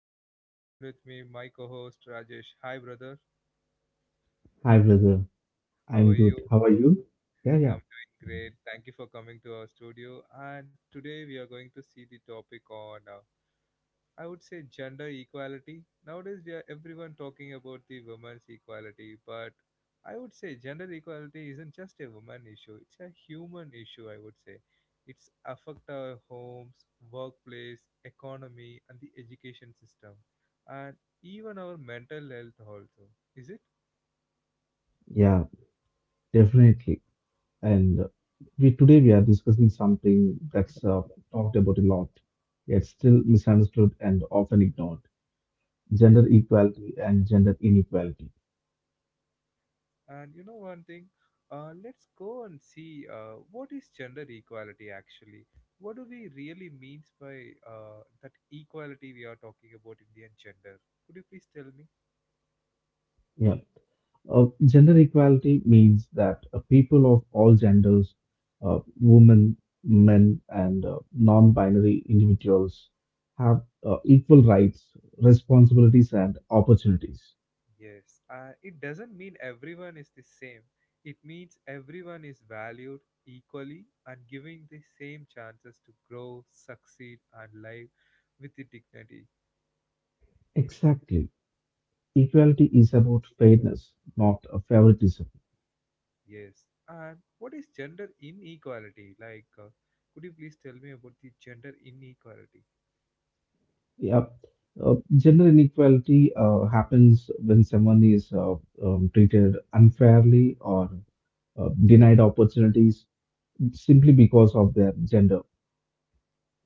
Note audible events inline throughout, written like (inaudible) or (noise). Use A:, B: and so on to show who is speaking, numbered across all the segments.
A: Agilan and joined with me my co-host Rajesh. Hi brother,
B: Hi, brother. I'm
A: how are
B: good.
A: you?
B: How are you? Yeah, yeah,
A: I'm doing great. Thank you for coming to our studio, and today we are going to see the topic on I would say gender equality. Nowadays, we are everyone talking about the women's equality, but I would say gender equality isn't just a woman issue; it's a human issue. I would say it's affect our homes, workplace, economy, and the education system, and even our mental health also. Is it?
B: yeah, definitely. And we today we are discussing something that's talked about a lot, yet still misunderstood and often ignored: gender equality and gender inequality.
A: And you know one thing? Let's go and see what is gender equality actually? What do we really means by that equality we are talking about in the gender? Could you please tell me?
B: Yeah, Gender equality means that people of all genders, women, men, and non binary individuals, have equal rights, responsibilities, and opportunities.
A: Yes, it doesn't mean everyone is the same. It means everyone is valued equally and giving the same chances to grow, succeed, and live with the dignity.
B: Exactly. Equality is about fairness, not favoritism.
A: Yes. And what is gender inequality? Like, could you please tell me about the gender inequality?
B: Yeah. Gender inequality happens when someone is treated unfairly or denied opportunities simply because of their gender.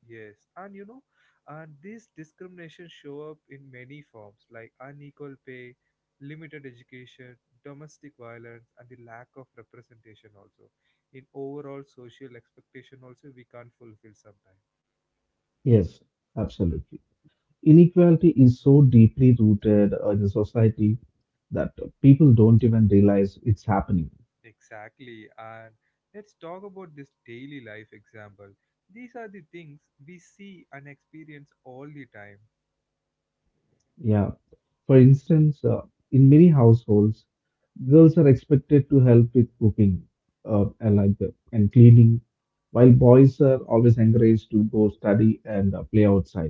A: Yes. And you know, and this discrimination show up in many forms like unequal pay, limited education, domestic violence, and the lack of representation also. In overall social expectation also we can't fulfill sometimes.
B: Yes, absolutely. Inequality is so deeply rooted in the society that people don't even realize it's happening.
A: Exactly. And let's talk about this daily life example. These are the things we see and experience all the time.
B: Yeah. For instance, in many households, girls are expected to help with cooking and cleaning, while boys are always encouraged to go study and play outside.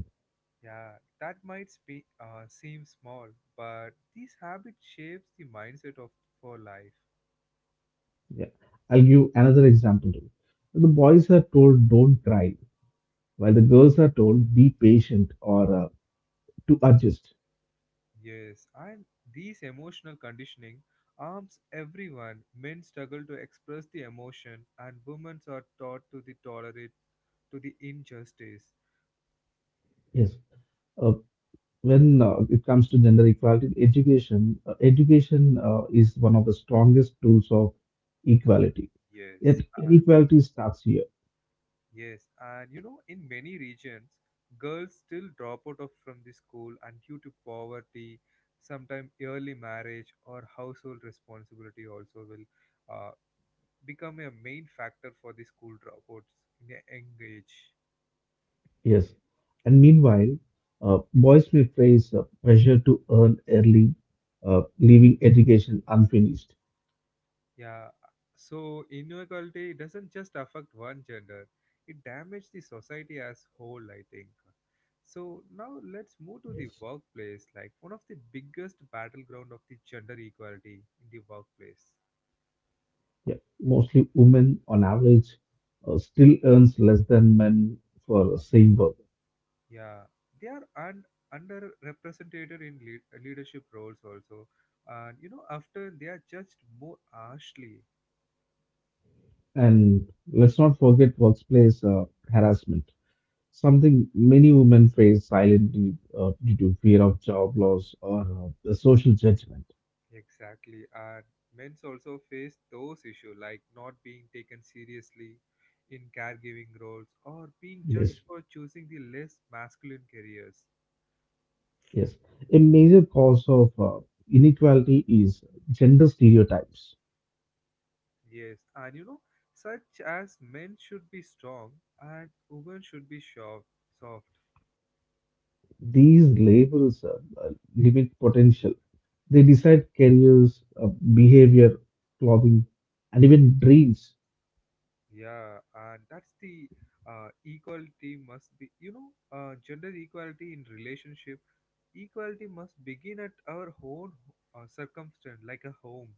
A: Yeah, that might seem small, but these habits shapes the mindset of for life.
B: Yeah. I'll give another example too. The boys are told don't cry, while the girls are told be patient or to adjust.
A: Yes, and these emotional conditioning arms everyone. Men struggle to express the emotion, and women are taught to the tolerate to the injustice.
B: Yes Uh, when uh, it comes to gender equality, education is one of the strongest tools of equality.
A: Yes,
B: Yet
A: and
B: inequality starts here.
A: yes, and you know, in many regions, girls still drop out of from the school, and due to poverty, sometimes early marriage or household responsibility also will uh, become a main factor for the school dropouts in a young age.
B: Yes, and meanwhile, boys may face pressure to earn early, leaving education unfinished.
A: Yeah, so inequality doesn't just affect one gender; it damages the society as whole, I think. So now let's move to the
B: Yes.
A: workplace, like one of the biggest battleground of the gender equality in the workplace.
B: Yeah, mostly women on average still earns less than men for same work.
A: Yeah, they are underrepresented in leadership roles also, and you know after they are judged more harshly.
B: And let's not forget workplace harassment. Something many women face silently due to fear of job loss or the social judgment.
A: Exactly, and men's also face those issues like not being taken seriously in caregiving roles or being
B: Yes.
A: judged for choosing the less masculine careers.
B: Yes. A major cause of inequality is gender stereotypes.
A: Yes, and you know, such as men should be strong and women should be soft. Soft,
B: These labels uh, limit potential. They decide careers, behavior, clothing, and even dreams.
A: yeah, and that's the equality must be. You know, gender equality in relationship equality must begin at our own circumstance, like a home.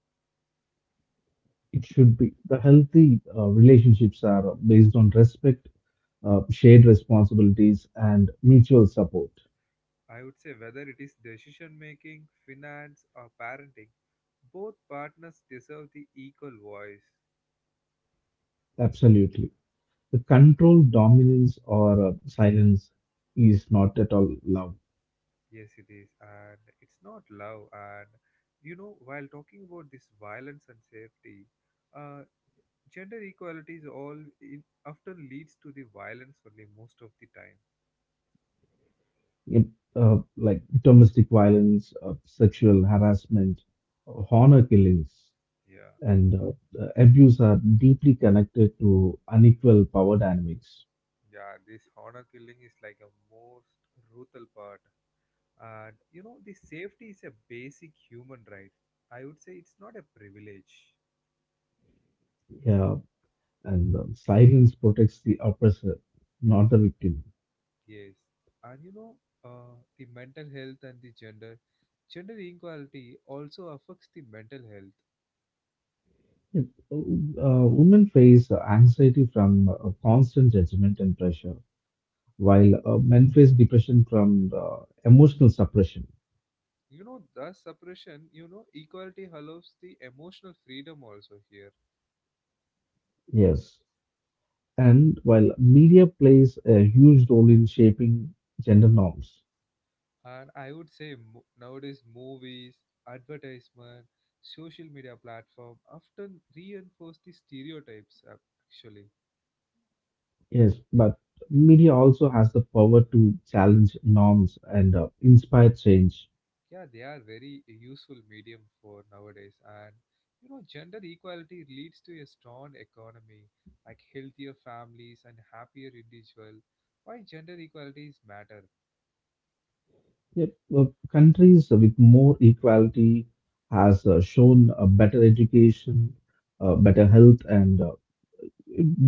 B: It should be. The healthy relationships are based on respect, shared responsibilities, and mutual support.
A: I would say whether it is decision making, finance, or parenting, both partners deserve the equal voice.
B: Absolutely. The control dominance or silence is not at all allowed.
A: Yes, it is, and it's not love. And you know, while talking about this violence and safety, uh, gender equality is all in, often leads to the violence only most of the time.
B: In, like domestic violence, sexual harassment, honor killings,
A: Yeah,
B: and abuse are deeply connected to unequal power dynamics.
A: yeah, this honor killing is like a most brutal part, and you know, the safety is a basic human right. I would say it's not a privilege.
B: Yeah, and silence protects the oppressor, not the victim.
A: Yes, and you know, the mental health and gender inequality also affects the mental health.
B: Yep. Women face anxiety from constant judgment and pressure while men face depression from emotional suppression.
A: You know, thus suppression, you know, equality allows the emotional freedom also here.
B: Yes. And while media plays a huge role in shaping gender norms.
A: And I would say nowadays movies, advertisement, social media platform often reinforce the stereotypes actually.
B: Yes, but media also has the power to challenge norms and inspire change.
A: Yeah, they are very useful medium for nowadays, and you know gender equality leads to a strong economy, like healthier families and happier individual. Why gender equalities matter?
B: Yep, uh, Countries with more equality has shown a better education, better health, and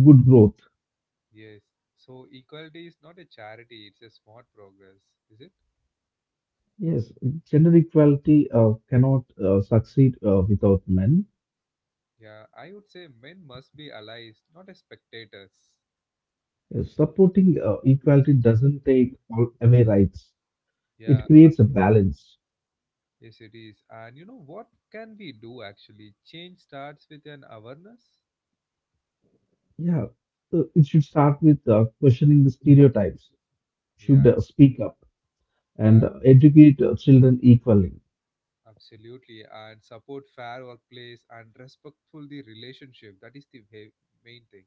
B: good growth.
A: Yes, so equality is not a charity, it's a smart progress. Is it?
B: Yes, gender equality cannot succeed without men.
A: Yeah, I would say men must be allies, not as spectators.
B: Supporting equality doesn't take all away rights.
A: Yeah.
B: It creates a balance.
A: Yes, it is, and you know what can we do? Actually change starts with an awareness.
B: Yeah, it should start with questioning the stereotypes.
A: Yeah,
B: Should speak up
A: uh,
B: and educate children equally.
A: absolutely, and support fair workplace and respectful the relationship. That is the main thing.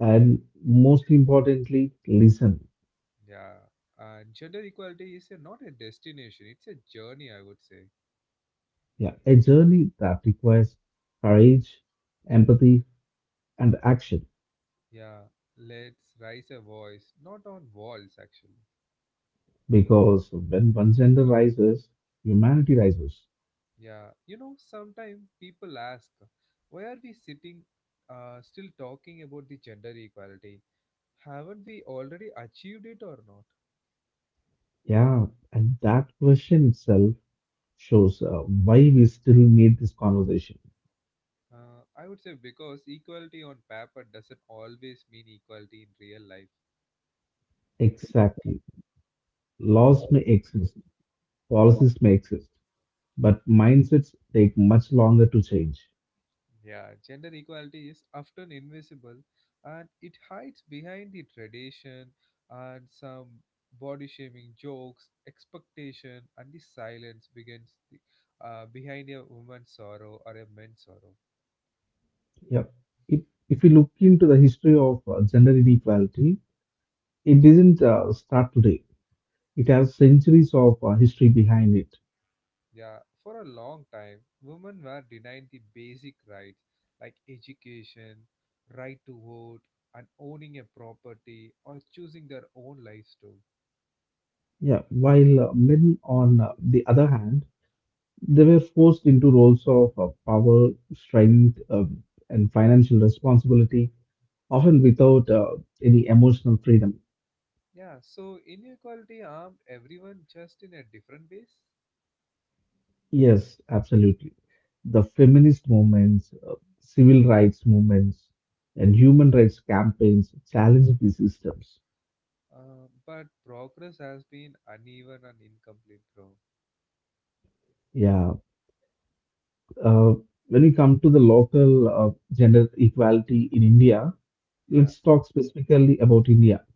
B: And most importantly, listen.
A: Yeah, and gender equality is a, not a destination; it's a journey, I would say.
B: Yeah, a journey that requires courage, empathy, and action.
A: Yeah, let's raise a voice, not on walls, actually.
B: Because when one gender rises, humanity rises.
A: Yeah, you know, sometimes people ask, why are we sitting, still talking about the gender equality? Haven't we already achieved it or not?
B: Yeah, and that question itself shows why we still need this conversation.
A: I would say because equality on paper doesn't always mean equality in real life.
B: Exactly. Laws may exist, policies may exist, but mindsets take much longer to change.
A: Yeah, gender equality is often invisible, and it hides behind the tradition and some body shaming jokes, expectation, and the silence begins the, behind a woman's sorrow or a man's sorrow.
B: Yep. If, if we look into the history of gender inequality, it didn't start today. It has centuries of history behind it.
A: Yeah, for a long time, women were denied the basic rights like education, right to vote, and owning a property or choosing their own lives too.
B: Yeah, while men, on the other hand, they were forced into roles of power, strength, and financial responsibility often without any emotional freedom.
A: Yeah, so inequality harmed everyone just in a different ways,
B: Yes, absolutely. The feminist movements, civil rights movements, and human rights campaigns challenge these systems.
A: but progress has been uneven and incomplete, bro.
B: Yeah. Uh, when we come to the local gender equality in India,
A: Yeah,
B: let's talk specifically about India.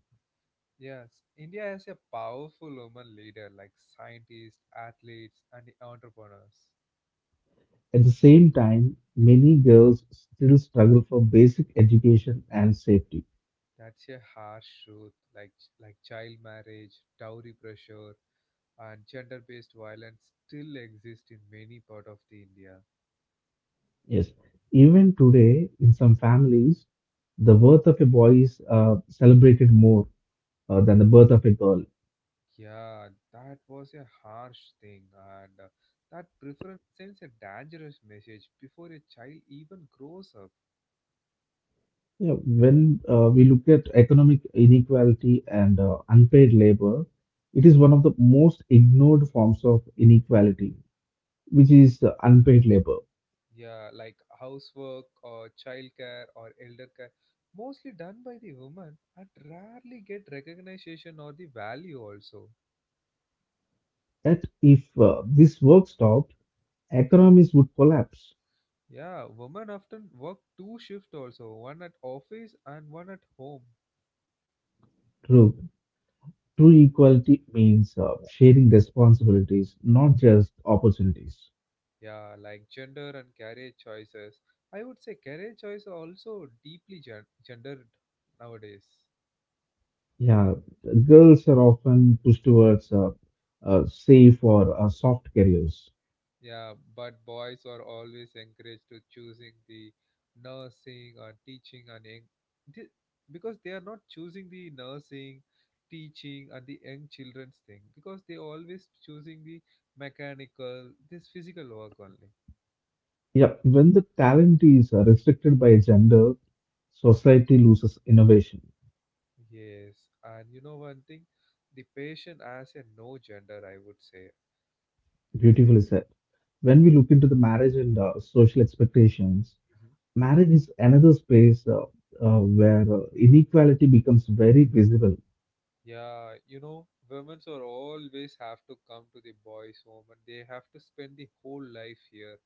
A: yes. India has a powerful woman leader like scientists, athletes, and entrepreneurs.
B: At the same time, many girls still struggle for basic education and safety.
A: That's a harsh truth, like child marriage, dowry pressure, and gender-based violence still exist in many part of the India.
B: Yes. Even today, in some families, the birth of a boy is celebrated more than the birth of a girl.
A: Yeah, that was a harsh thing, and that preference sends a dangerous message before a child even grows up.
B: Yeah, when we look at economic inequality and unpaid labor, it is one of the most ignored forms of inequality, which is unpaid labor.
A: Yeah, like housework or childcare or elder care, mostly done by the woman and rarely get recognition or the value also.
B: That if this work stopped, economies would collapse.
A: Yeah, women often work two shifts also, one at office and one at home.
B: True, true equality means sharing responsibilities, not just opportunities.
A: Yeah, like gender and career choices. I would say career choice are also deeply gendered nowadays.
B: Yeah, girls are often pushed towards safe or soft careers.
A: Yeah, but boys are always encouraged to choosing the nursing or teaching and young, thi- because they are not choosing the nursing, teaching and the young children's thing because they always choosing the mechanical, this physical work only.
B: Yeah, when the talent is restricted by gender, society loses innovation.
A: Yes, and you know one thing, the patient has a no gender, I would say.
B: Beautifully said. When we look into the marriage and social expectations,
A: Mhm.
B: marriage is another space where inequality becomes very visible.
A: Yeah, you know, women's are always have to come to the boys' home and they have to spend the whole life here.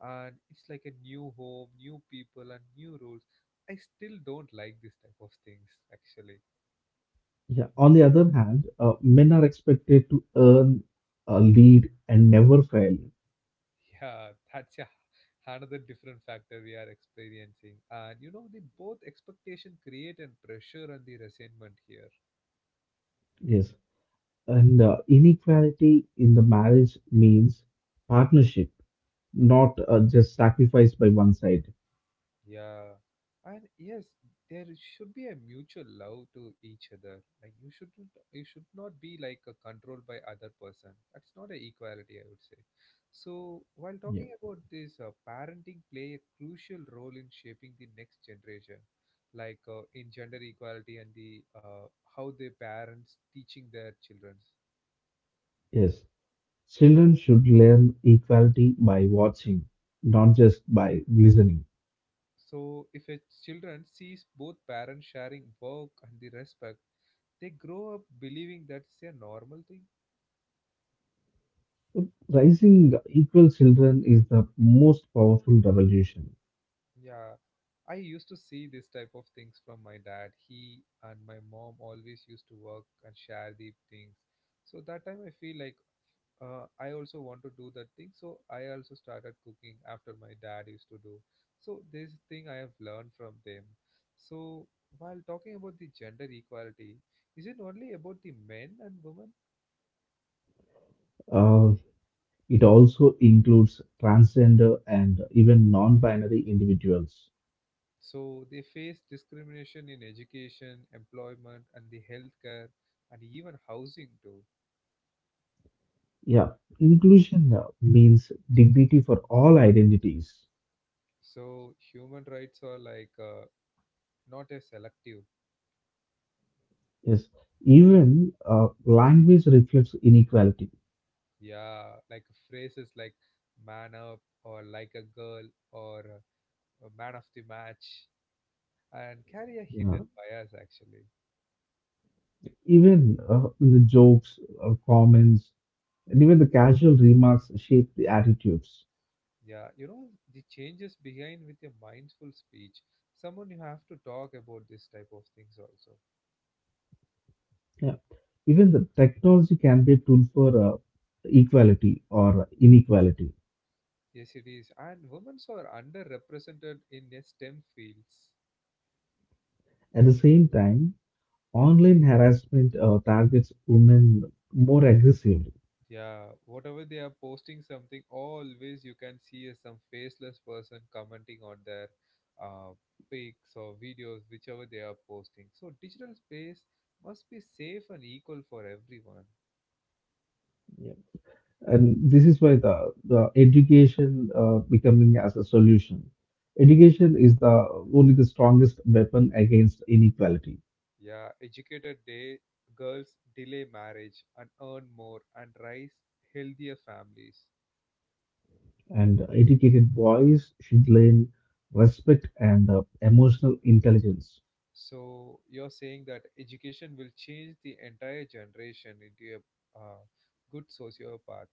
A: And it's like a new home, new people, and new rules. I still don't like this type of things, actually.
B: Yeah. On the other hand, men are expected to earn, lead, and never fail.
A: (laughs) Yeah, that's a, another different factor we are experiencing. And you know, the both expectation create and pressure and the resentment here.
B: Yes. And inequality in the marriage means partnership, not just sacrifice by one side.
A: Yeah. And yes, there should be a mutual love to each other. Like you should not be like controlled by other person. That's not a equality, I would say. So while
B: Yeah.
A: talking about this, parenting play a crucial role in shaping the next generation, like in gender equality and the how the parents teaching their children.
B: Yes, children should learn equality by watching, not just by listening.
A: So if a children sees both parents sharing work and the respect, they grow up believing that's a normal thing.
B: Raising equal children is the most powerful revolution.
A: Yeah, I used to see this type of things from my dad. He and my mom always used to work and share the things. So that time I feel like I also want to do that thing. So I also started cooking after my dad used to do. So this thing I have learned from them. So while talking about the gender equality, is it only about the men and women?
B: Uh, it also includes transgender and even non binary individuals.
A: So they face discrimination in education, employment, and the healthcare, and even housing too.
B: Yeah, inclusion means dignity for all identities.
A: So human rights are like not a selective,
B: Yes, even language reflects inequality.
A: yeah, like phrases like "man up" or "like a girl" or "man of the match" and carry a
B: Yeah.
A: hidden bias actually.
B: Even the jokes, comments, and even the casual remarks shape the attitudes.
A: Yeah, you know the changes behind with a mindful speech. Someone you have to talk about this type of things also.
B: Yeah. Even the technology can be a tool for equality or inequality.
A: Yes, it is, and women are underrepresented in the STEM fields.
B: At the same time, online harassment targets women more aggressively.
A: Yeah, whatever they are posting something, always you can see is some faceless person commenting on their uh, pics or videos, whichever they are posting. So digital space must be safe and equal for everyone.
B: And this is why the education becoming as a solution. Education is the only the strongest weapon against inequality.
A: Yeah, educated day girls delay marriage and earn more and raise healthier families.
B: And educated boys should learn respect and emotional intelligence.
A: So you're saying that education will change the entire generation into a good sociopath.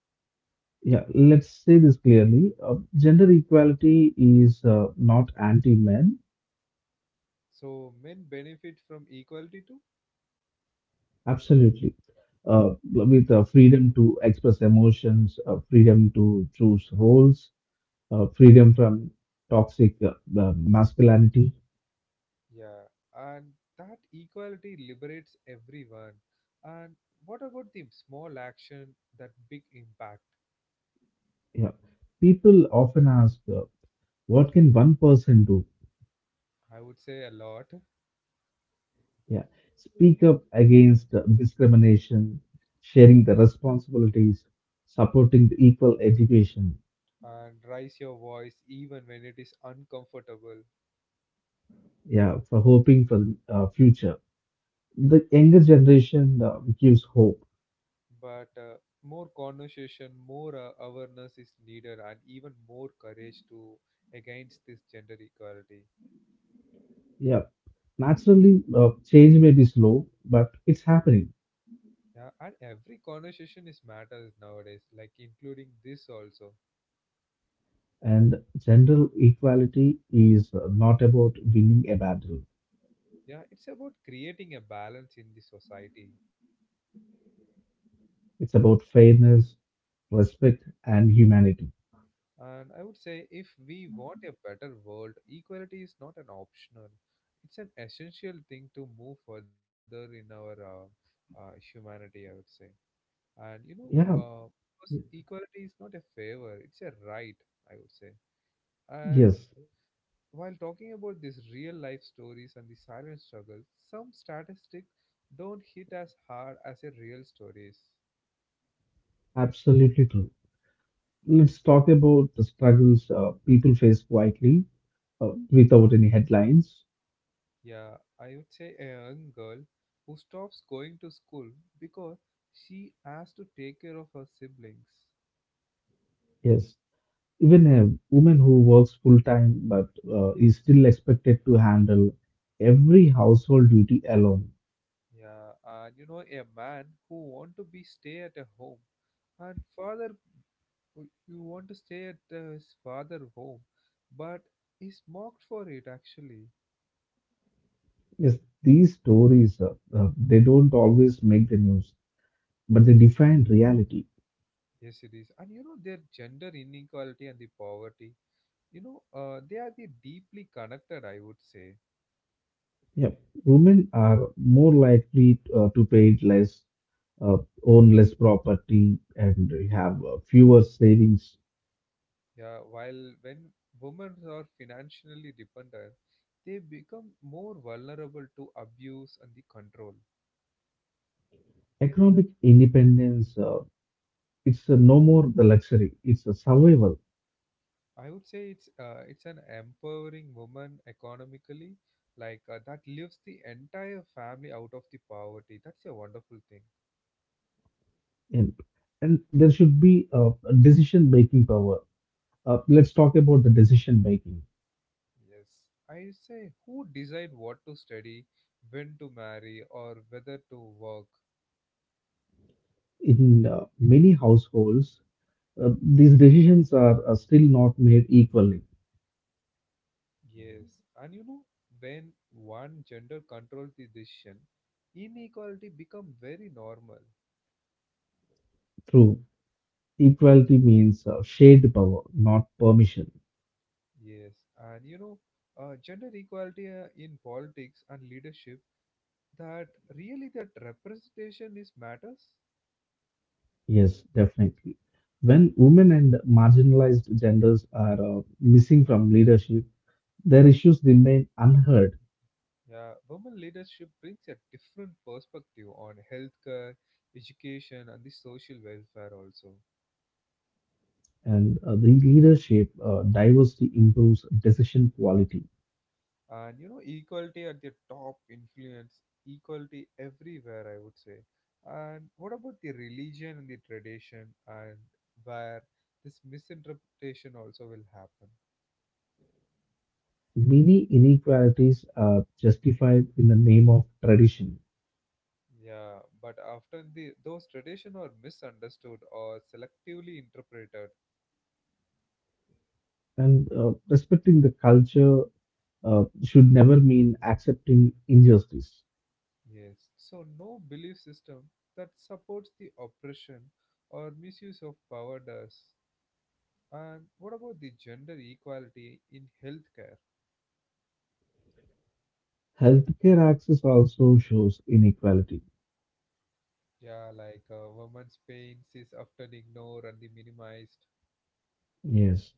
B: Yeah, let's say this clearly. Gender equality is not anti-men,
A: So men benefit from equality too.
B: absolutely. With freedom to express emotions, freedom to choose roles, freedom from toxic masculinity.
A: Yeah, and that equality liberates everyone. And what about the small action, that big impact?
B: Yeah. People often ask, what can one person do?
A: I would say a lot.
B: Yeah. Speak up against discrimination, sharing the responsibilities, supporting the equal education.
A: And raise your voice even when it is uncomfortable.
B: Yeah, for hoping for the future. The younger generation gives hope.
A: But more conversation, more awareness is needed, and even more courage to against this gender equality.
B: Yeah, naturally, change may be slow, but it's happening.
A: Yeah, and every conversation is matters nowadays, like including this also.
B: And gender equality is not about winning a battle.
A: Yeah, it's about creating a balance in the society.
B: It's about fairness, respect, and humanity.
A: And I would say if we want a better world, equality is not an optional. It's an essential thing to move further in our humanity, I would say. And you know,
B: Yeah,
A: because equality is not a favor, it's a right, I would say. And
B: yes,
A: while talking about these real life stories and the silent struggles, some statistics don't hit as hard as a real stories.
B: absolutely true. Let's talk about the struggles people face quietly without any headlines.
A: Yeah, I would say a young girl who stops going to school because she has to take care of her siblings.
B: Yes, even a woman who works full time but is still expected to handle every household duty alone.
A: Yeah, and you know a man who want to be stay at a home, and father you want to stay at his father home, but is mocked for it actually.
B: Yes, these stories, they don't always make the news, but they define reality.
A: Yes, it is, and you know their gender inequality and the poverty. You know, they are the deeply connected, I would say.
B: Yeah, women are more likely to pay less, uh, own less property and have fewer savings.
A: Yeah, while when women are financially dependent, they become more vulnerable to abuse and the control.
B: Economic independence, it's no more the luxury, it's a survival.
A: I would say it's an empowering woman economically, like that lifts the entire family out of the poverty. That's a wonderful thing.
B: And, and there should be a decision making power. Let's talk about the decision making.
A: Yes, I say who decide what to study, when to marry, or whether to work.
B: In many households, these decisions are still not made equally.
A: Yes, and you know, when one gender controls the decision, inequality become very normal.
B: True. Equality means shared power, not permission.
A: Yes, and you know, gender equality in politics and leadership, that really that representation is matters.
B: Yes, definitely. When women and marginalized genders are missing from leadership, their issues remain unheard,
A: Yeah, women leadership brings a different perspective on healthcare, education, and the social welfare also.
B: and the leadership diversity improves decision quality.
A: And you know equality at the top influence equality everywhere, I would say. And what about the religion and the tradition, and where this misinterpretation also will happen?
B: Many inequalities are justified in the name of tradition,
A: Yeah, but often the those tradition are misunderstood or selectively interpreted.
B: and respecting the culture should never mean accepting injustice.
A: Yes, so no belief system that supports the oppression or misuse of power does. And what about the gender equality in healthcare?
B: Healthcare access also shows inequality.
A: Yeah, like women's pains is often ignored and the minimized.
B: Yes.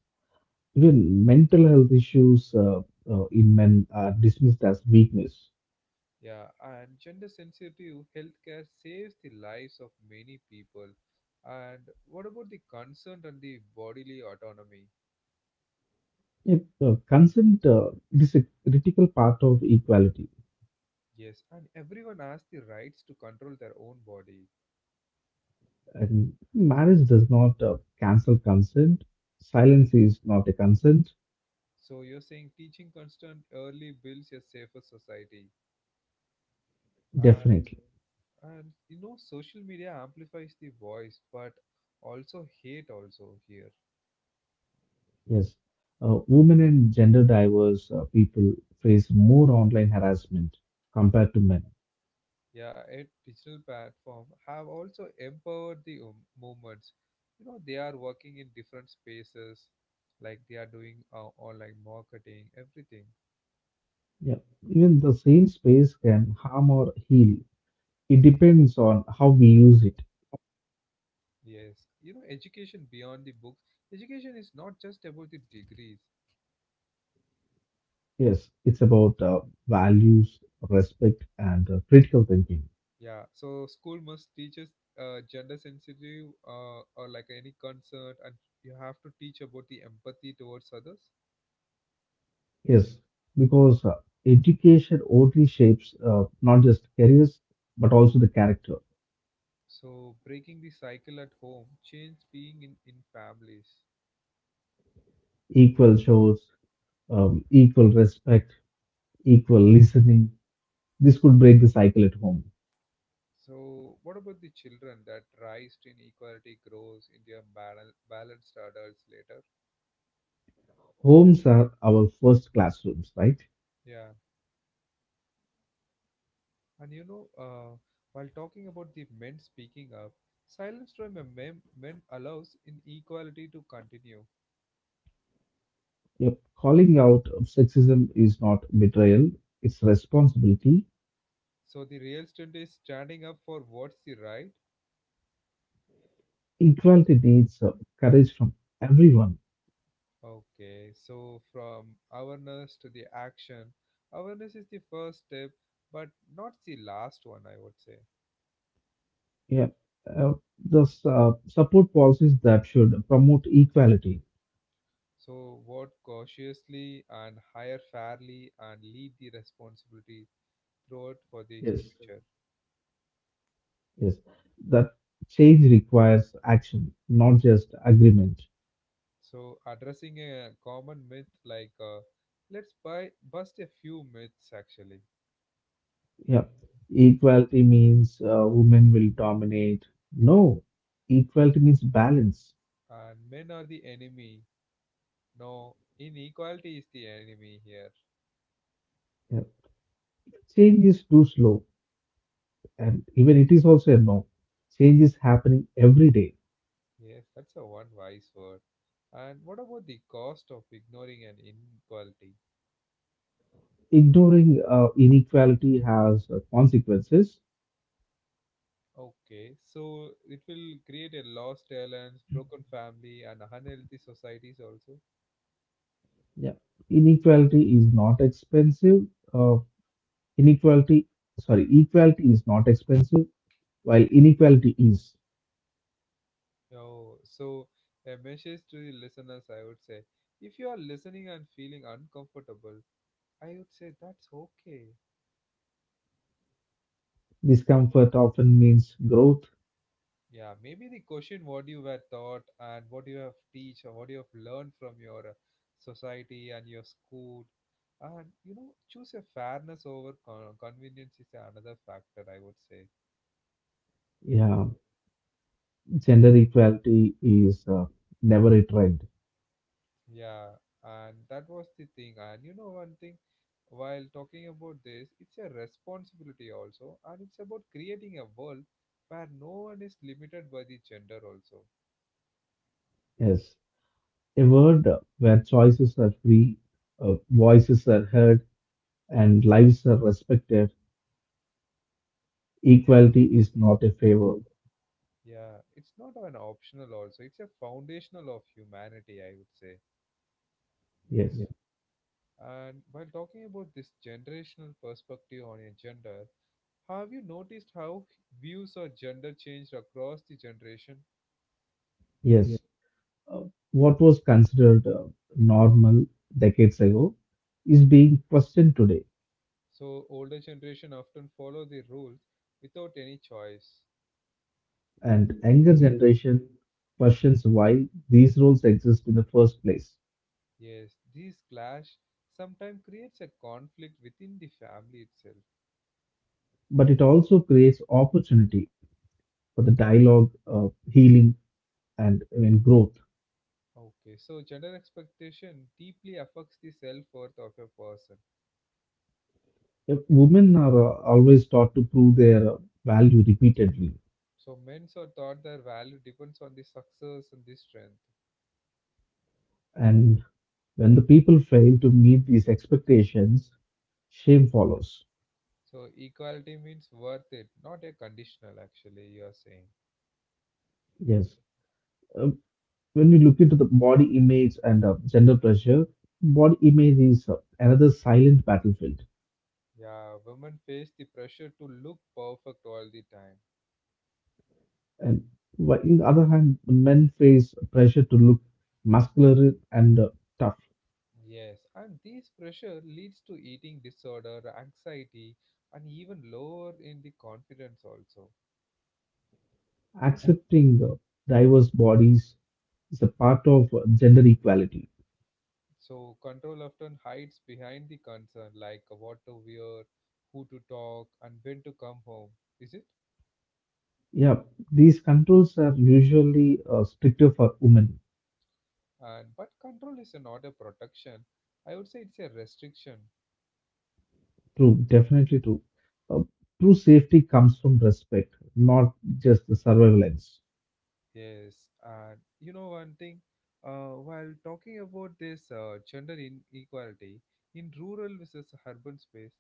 B: Even mental health issues in men are dismissed as weakness.
A: Yeah, and gender sensitive healthcare saves the lives of many people. And what about the consent and the bodily autonomy?
B: Yet consent it is a critical part of equality.
A: Yes, and everyone has the rights to control their own body.
B: And marriage does not cancel consent. Silence is not a consent,
A: So you're saying teaching consent early builds a safer society. Uh,
B: definitely.
A: and you know, social media amplifies the voice, but also hate also here.
B: Yes. Women and gender diverse people face more online harassment compared to men.
A: Yeah, and digital platform have also empowered the movements. You know, they are working in different spaces, like they are doing online marketing, everything.
B: Yeah. Even the same space can harm or heal. It depends on how we use it.
A: Yes, you know, education beyond the books. Education is not just about the degrees.
B: Yes, it's about values, respect, and critical thinking.
A: Yeah, so school must teach us gender sensitive or like any concern, and you have to teach about the empathy towards others.
B: Yes, because education only shapes not just careers, but also the character.
A: So breaking the cycle at home, change being in families.
B: Equal shows, equal respect, equal listening. This could break the cycle at home.
A: So, what about the children that rise to inequality grows into a balanced adults later?
B: Homes are our first classrooms, right?
A: Yeah, and you know, while talking about the men speaking up, silence from a men allows inequality to continue.
B: Yep. Calling out of sexism is not betrayal, it's responsibility.
A: So the real strength is standing up for what's the right.
B: Equality needs courage from everyone.
A: Okay, so from awareness to the action, awareness is the first step, but not the last one, I would say.
B: Yeah, uh, Support policies that should promote equality.
A: So vote cautiously and hire fairly and lead the responsibility throughout for the
B: Yes,
A: future.
B: yes, that change requires action, not just agreement.
A: So addressing a common myth like let's buy bust a few myths actually.
B: Yeah, equality means women will dominate. No, equality means balance.
A: And men are the enemy. No, inequality is the enemy here.
B: Yeah. Change is too slow, and even it is also a no. Change is happening every day.
A: Yes, that's a one wise word. And what about the cost of ignoring an inequality?
B: Ignoring inequality has consequences.
A: Okay, so it will create a lost talents, broken family, and unhealthy societies also.
B: Yeah, inequality is not expensive. Uh, Inequality, sorry, equality is not expensive, while inequality is.
A: Oh, so a message to the listeners, I would say, if you are listening and feeling uncomfortable, I would say that's okay.
B: Discomfort often means growth.
A: Yeah, maybe the question what you were taught and what you have teach or what you have learned from your society and your school, and you know, choose a fairness over convenience is another factor, I would say.
B: Yeah, gender equality is never a trend.
A: Yeah, and that was the thing. And you know, one thing while talking about this, it's a responsibility also, and it's about creating a world where no one is limited by the gender, also.
B: Yes, a world where choices are free, voices are heard, and lives are respected. Equality is not a favor.
A: Yeah, yeah, it's not an optional, also, it's a foundational of humanity, I would say.
B: Yes,
A: Yeah. And while talking about this generational perspective on a gender, have you noticed how views of gender changed across the generation?
B: yes. Uh, what was considered normal decades ago is being questioned today,
A: So older generation often follow the rules without any choice.
B: and younger generation questions why these roles exist in the first place.
A: Yes, this clash sometimes creates a conflict within the family itself.
B: But it also creates opportunity for the dialogue, healing, and even growth.
A: Okay, so gender expectation deeply affects the self worth of a person.
B: If women are always taught to prove their value repeatedly,
A: So men are thought their value depends on the success and the strength.
B: and when the people fail to meet these expectations, shame follows.
A: So equality means worth it, not a conditional actually you are saying.
B: Yes. Uh, when we look into the body image and gender pressure, body image is another silent battlefield.
A: Yeah, women face the pressure to look perfect all the time.
B: And in the other hand, men face pressure to look muscular and tough.
A: Yes, and this pressure leads to eating disorder, anxiety, and even lower in the confidence also.
B: Accepting diverse bodies is a part of gender equality.
A: So control often hides behind the concern like what to wear, who to talk, and when to come home, is it?
B: Yeah, these controls are usually stricter for women.
A: And but control is not a protection. I would say it's a restriction.
B: True, definitely true. Uh, True safety comes from respect, not just the surveillance.
A: Yes, and you know one thing, while talking about this gender inequality in rural versus urban space,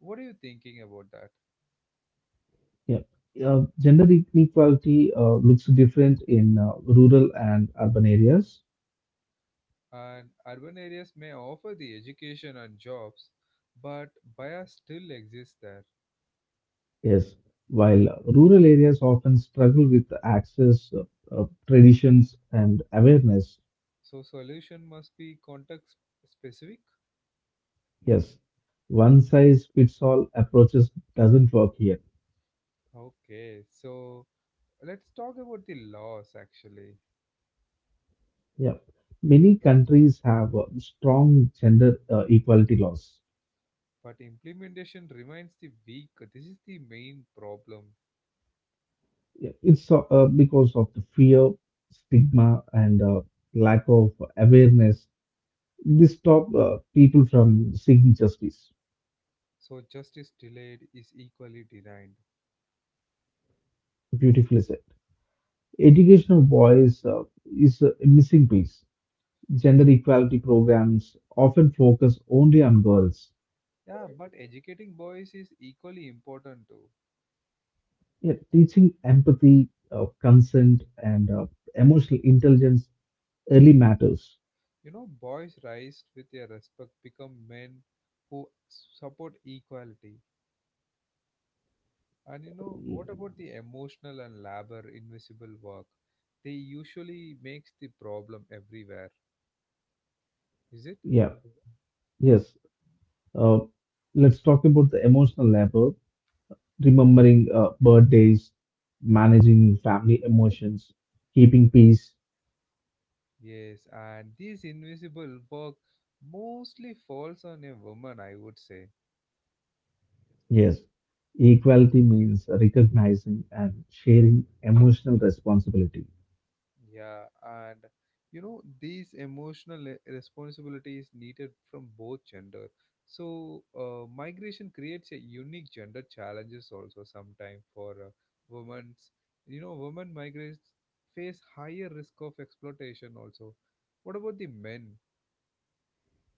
A: what are you thinking about that?
B: Yeah. Gender inequality looks different in rural and urban areas.
A: And urban areas may offer the education and jobs, but bias still exists there.
B: Yes, while rural areas often struggle with access, traditions, and awareness,
A: So solution must be context specific.
B: yes, one size fits all approaches doesn't work here.
A: Okay, so let's talk about the laws actually.
B: Yeah, many countries have strong gender equality laws.
A: But implementation remains the weak. This is the main problem.
B: Yeah, It's Because of the fear, stigma, and lack of awareness. This stop people from seeking justice.
A: So justice delayed is equally denied.
B: Beautifully said. Educational voice is a missing piece. Gender equality programs often focus only on girls.
A: Yeah, but educating boys is equally important too.
B: Yet, teaching empathy, consent, and emotional intelligence early matters.
A: You know, boys rise with their respect, become men who support equality. And you know, what about the emotional and labor invisible work? They usually makes the problem everywhere, is it?
B: Yeah, yes. Uh, let's talk about the emotional labor, remembering birthdays, managing family emotions, keeping peace.
A: Yes, and this invisible work mostly falls on a woman, I would say.
B: Yes, equality means recognizing and sharing emotional responsibility.
A: Yeah, and you know, these emotional responsibility is needed from both gender. So, migration creates a unique gender challenges also sometimes for women's. You know, women migrants face higher risk of exploitation also. What about the men?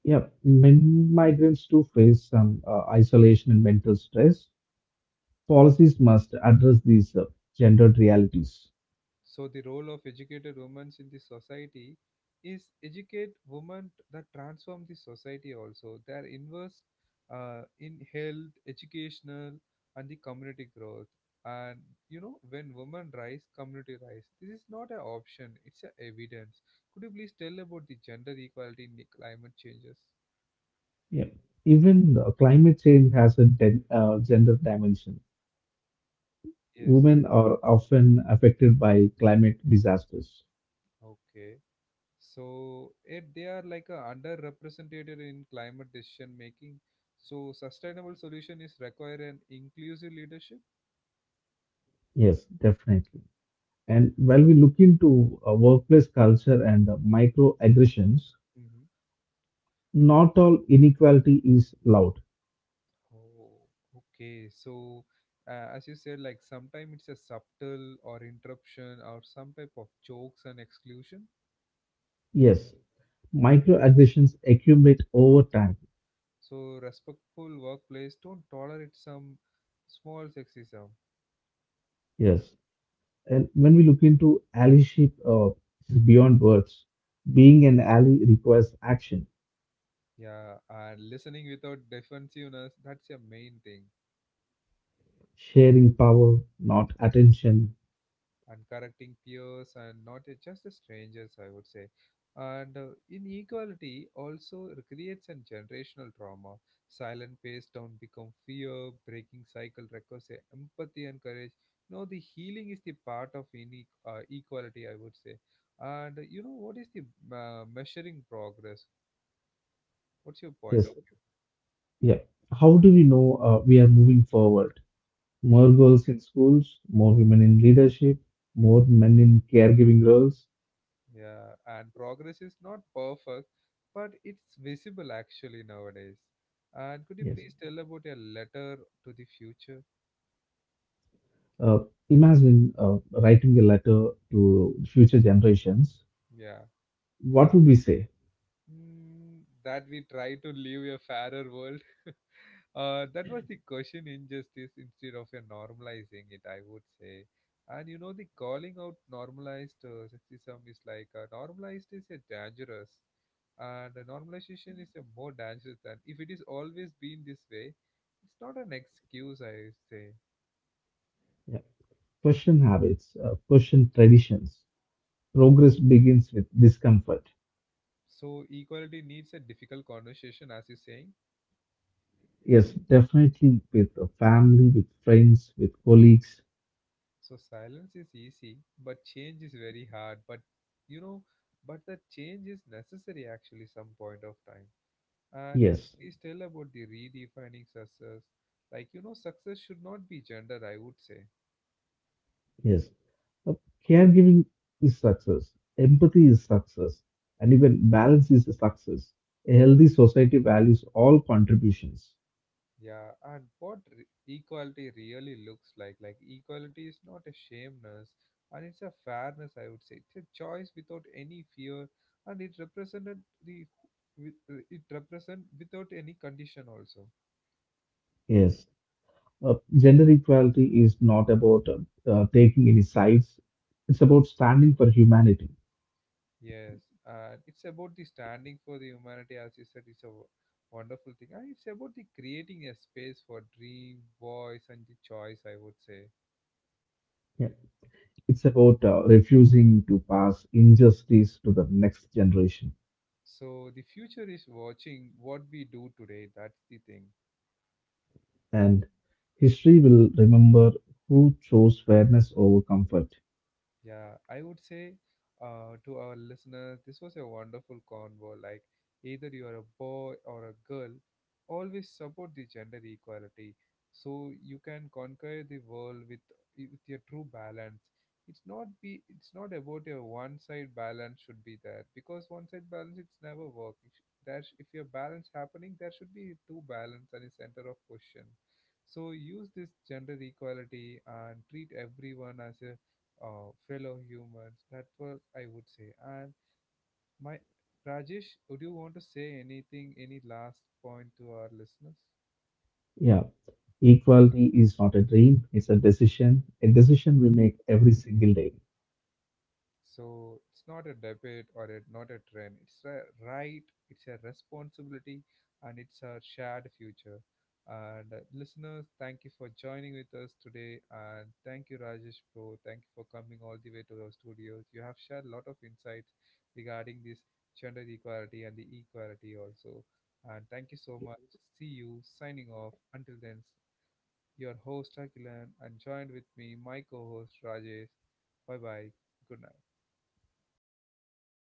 B: Yeah, men migrants do face some isolation and mental stress. Policies must address these gendered realities.
A: So the role of educated women in the society is educate women that transform the society also. They are invest in health, educational, and the community growth. And you know, when women rise, community rise. This is not an option; it's a evidence. Could you please tell about the gender equality in the climate changes?
B: Yeah, even climate change has a gender dimension.
A: Yes.
B: Women are often affected by climate disasters.
A: Okay. So it they are like a underrepresented in climate decision making, so sustainable solution is require an inclusive leadership.
B: Yes, definitely. And while we look into workplace culture and microaggressions,
A: Hmm.
B: not all inequality is loud.
A: Oh, okay. So, as you said, like sometimes it's a subtle or interruption or some type of jokes and exclusion.
B: Yes, microaggressions accumulate over time.
A: So, respectful workplace don't tolerate some small sexism.
B: Yes, and when we look into allyship, this is beyond words. Being an ally requires action,
A: Yeah, and listening without defensiveness, that's your main thing.
B: sharing power, not attention.
A: And correcting peers and not just the strangers, I would say. And inequality also creates a generational trauma. Silent pace down become fear, breaking cycle requires empathy and courage. No, the healing is the part of equality, I would say. And you know what is the measuring progress? What's your point
B: Yes,
A: of
B: yeah. How do we know we are moving forward?
A: view?
B: More girls in schools, more women in leadership, more men in caregiving roles.
A: Yeah, and progress is not perfect, but it's visible actually nowadays. And could you
B: Yes.
A: please tell about your letter to the future?
B: Uh, Imagine writing a letter to future generations.
A: Yeah.
B: What would we say?
A: Mm, that we try to live a fairer world. (laughs) That was the question injustice instead of a normalizing it, I would say. And you know, the calling out normalized sexism is like normalized is a dangerous, and the normalization is a more dangerous than if it is always been this way. It's not an excuse, I say.
B: Yeah. Question habits, question traditions. Progress begins with discomfort.
A: So equality needs a difficult conversation, as you're saying.
B: Yes, definitely with a family, with friends, with colleagues.
A: So silence is easy, but change is very hard. But you know, but the change is necessary actually some point of time. And
B: Yes,
A: please tell about the redefining success. Like you know, success should not be gender, I would say.
B: yes. Uh, Caregiving is success. Empathy is success. And even balance is a success. A healthy society values all contributions.
A: Yeah, and what equality really looks like. Like equality is not a shameness, and it's a fairness, I would say. It's a choice without any fear, and it represented the with it represent without any condition also.
B: Yes. Gender equality is not about taking any sides, it's about standing for humanity.
A: Yes, and it's about the standing for the humanity, as you said, it's a wonderful thing, and it's about the creating a space for dream, voice, and the choice, I would say.
B: Yeah. It's about refusing to pass injustice to the next generation.
A: So the future is watching what we do today. That's the thing.
B: And history will remember who chose fairness over comfort.
A: Yeah, I would say to our listeners, this was a wonderful convo. Like, either you are a boy or a girl, always support the gender equality so you can conquer the world with your true balance. It's not be it's not about a one side balance should be there because one side balance it's never work. It sh- There sh- If your balance happening, there should be two balance and a center of question. So use this gender equality and treat everyone as a fellow humans. That was I would say. And my Rajesh, would you want to say anything, any last point to our listeners?
B: Yeah, equality is not a dream, it's a decision we make every single day.
A: So it's not a debate or a, not a trend. It's a right, it's a responsibility, and it's a shared future. And listeners, thank you for joining with us today. And thank you, Rajesh Bro. Thank you for coming all the way to our studios. You have shared a lot of insights regarding this gender equality and the equality also. And thank you so much. See you signing off. Until then, your host Akilan and joined with me, my co host Rajesh. Bye bye. Good night.
B: Bye, good night.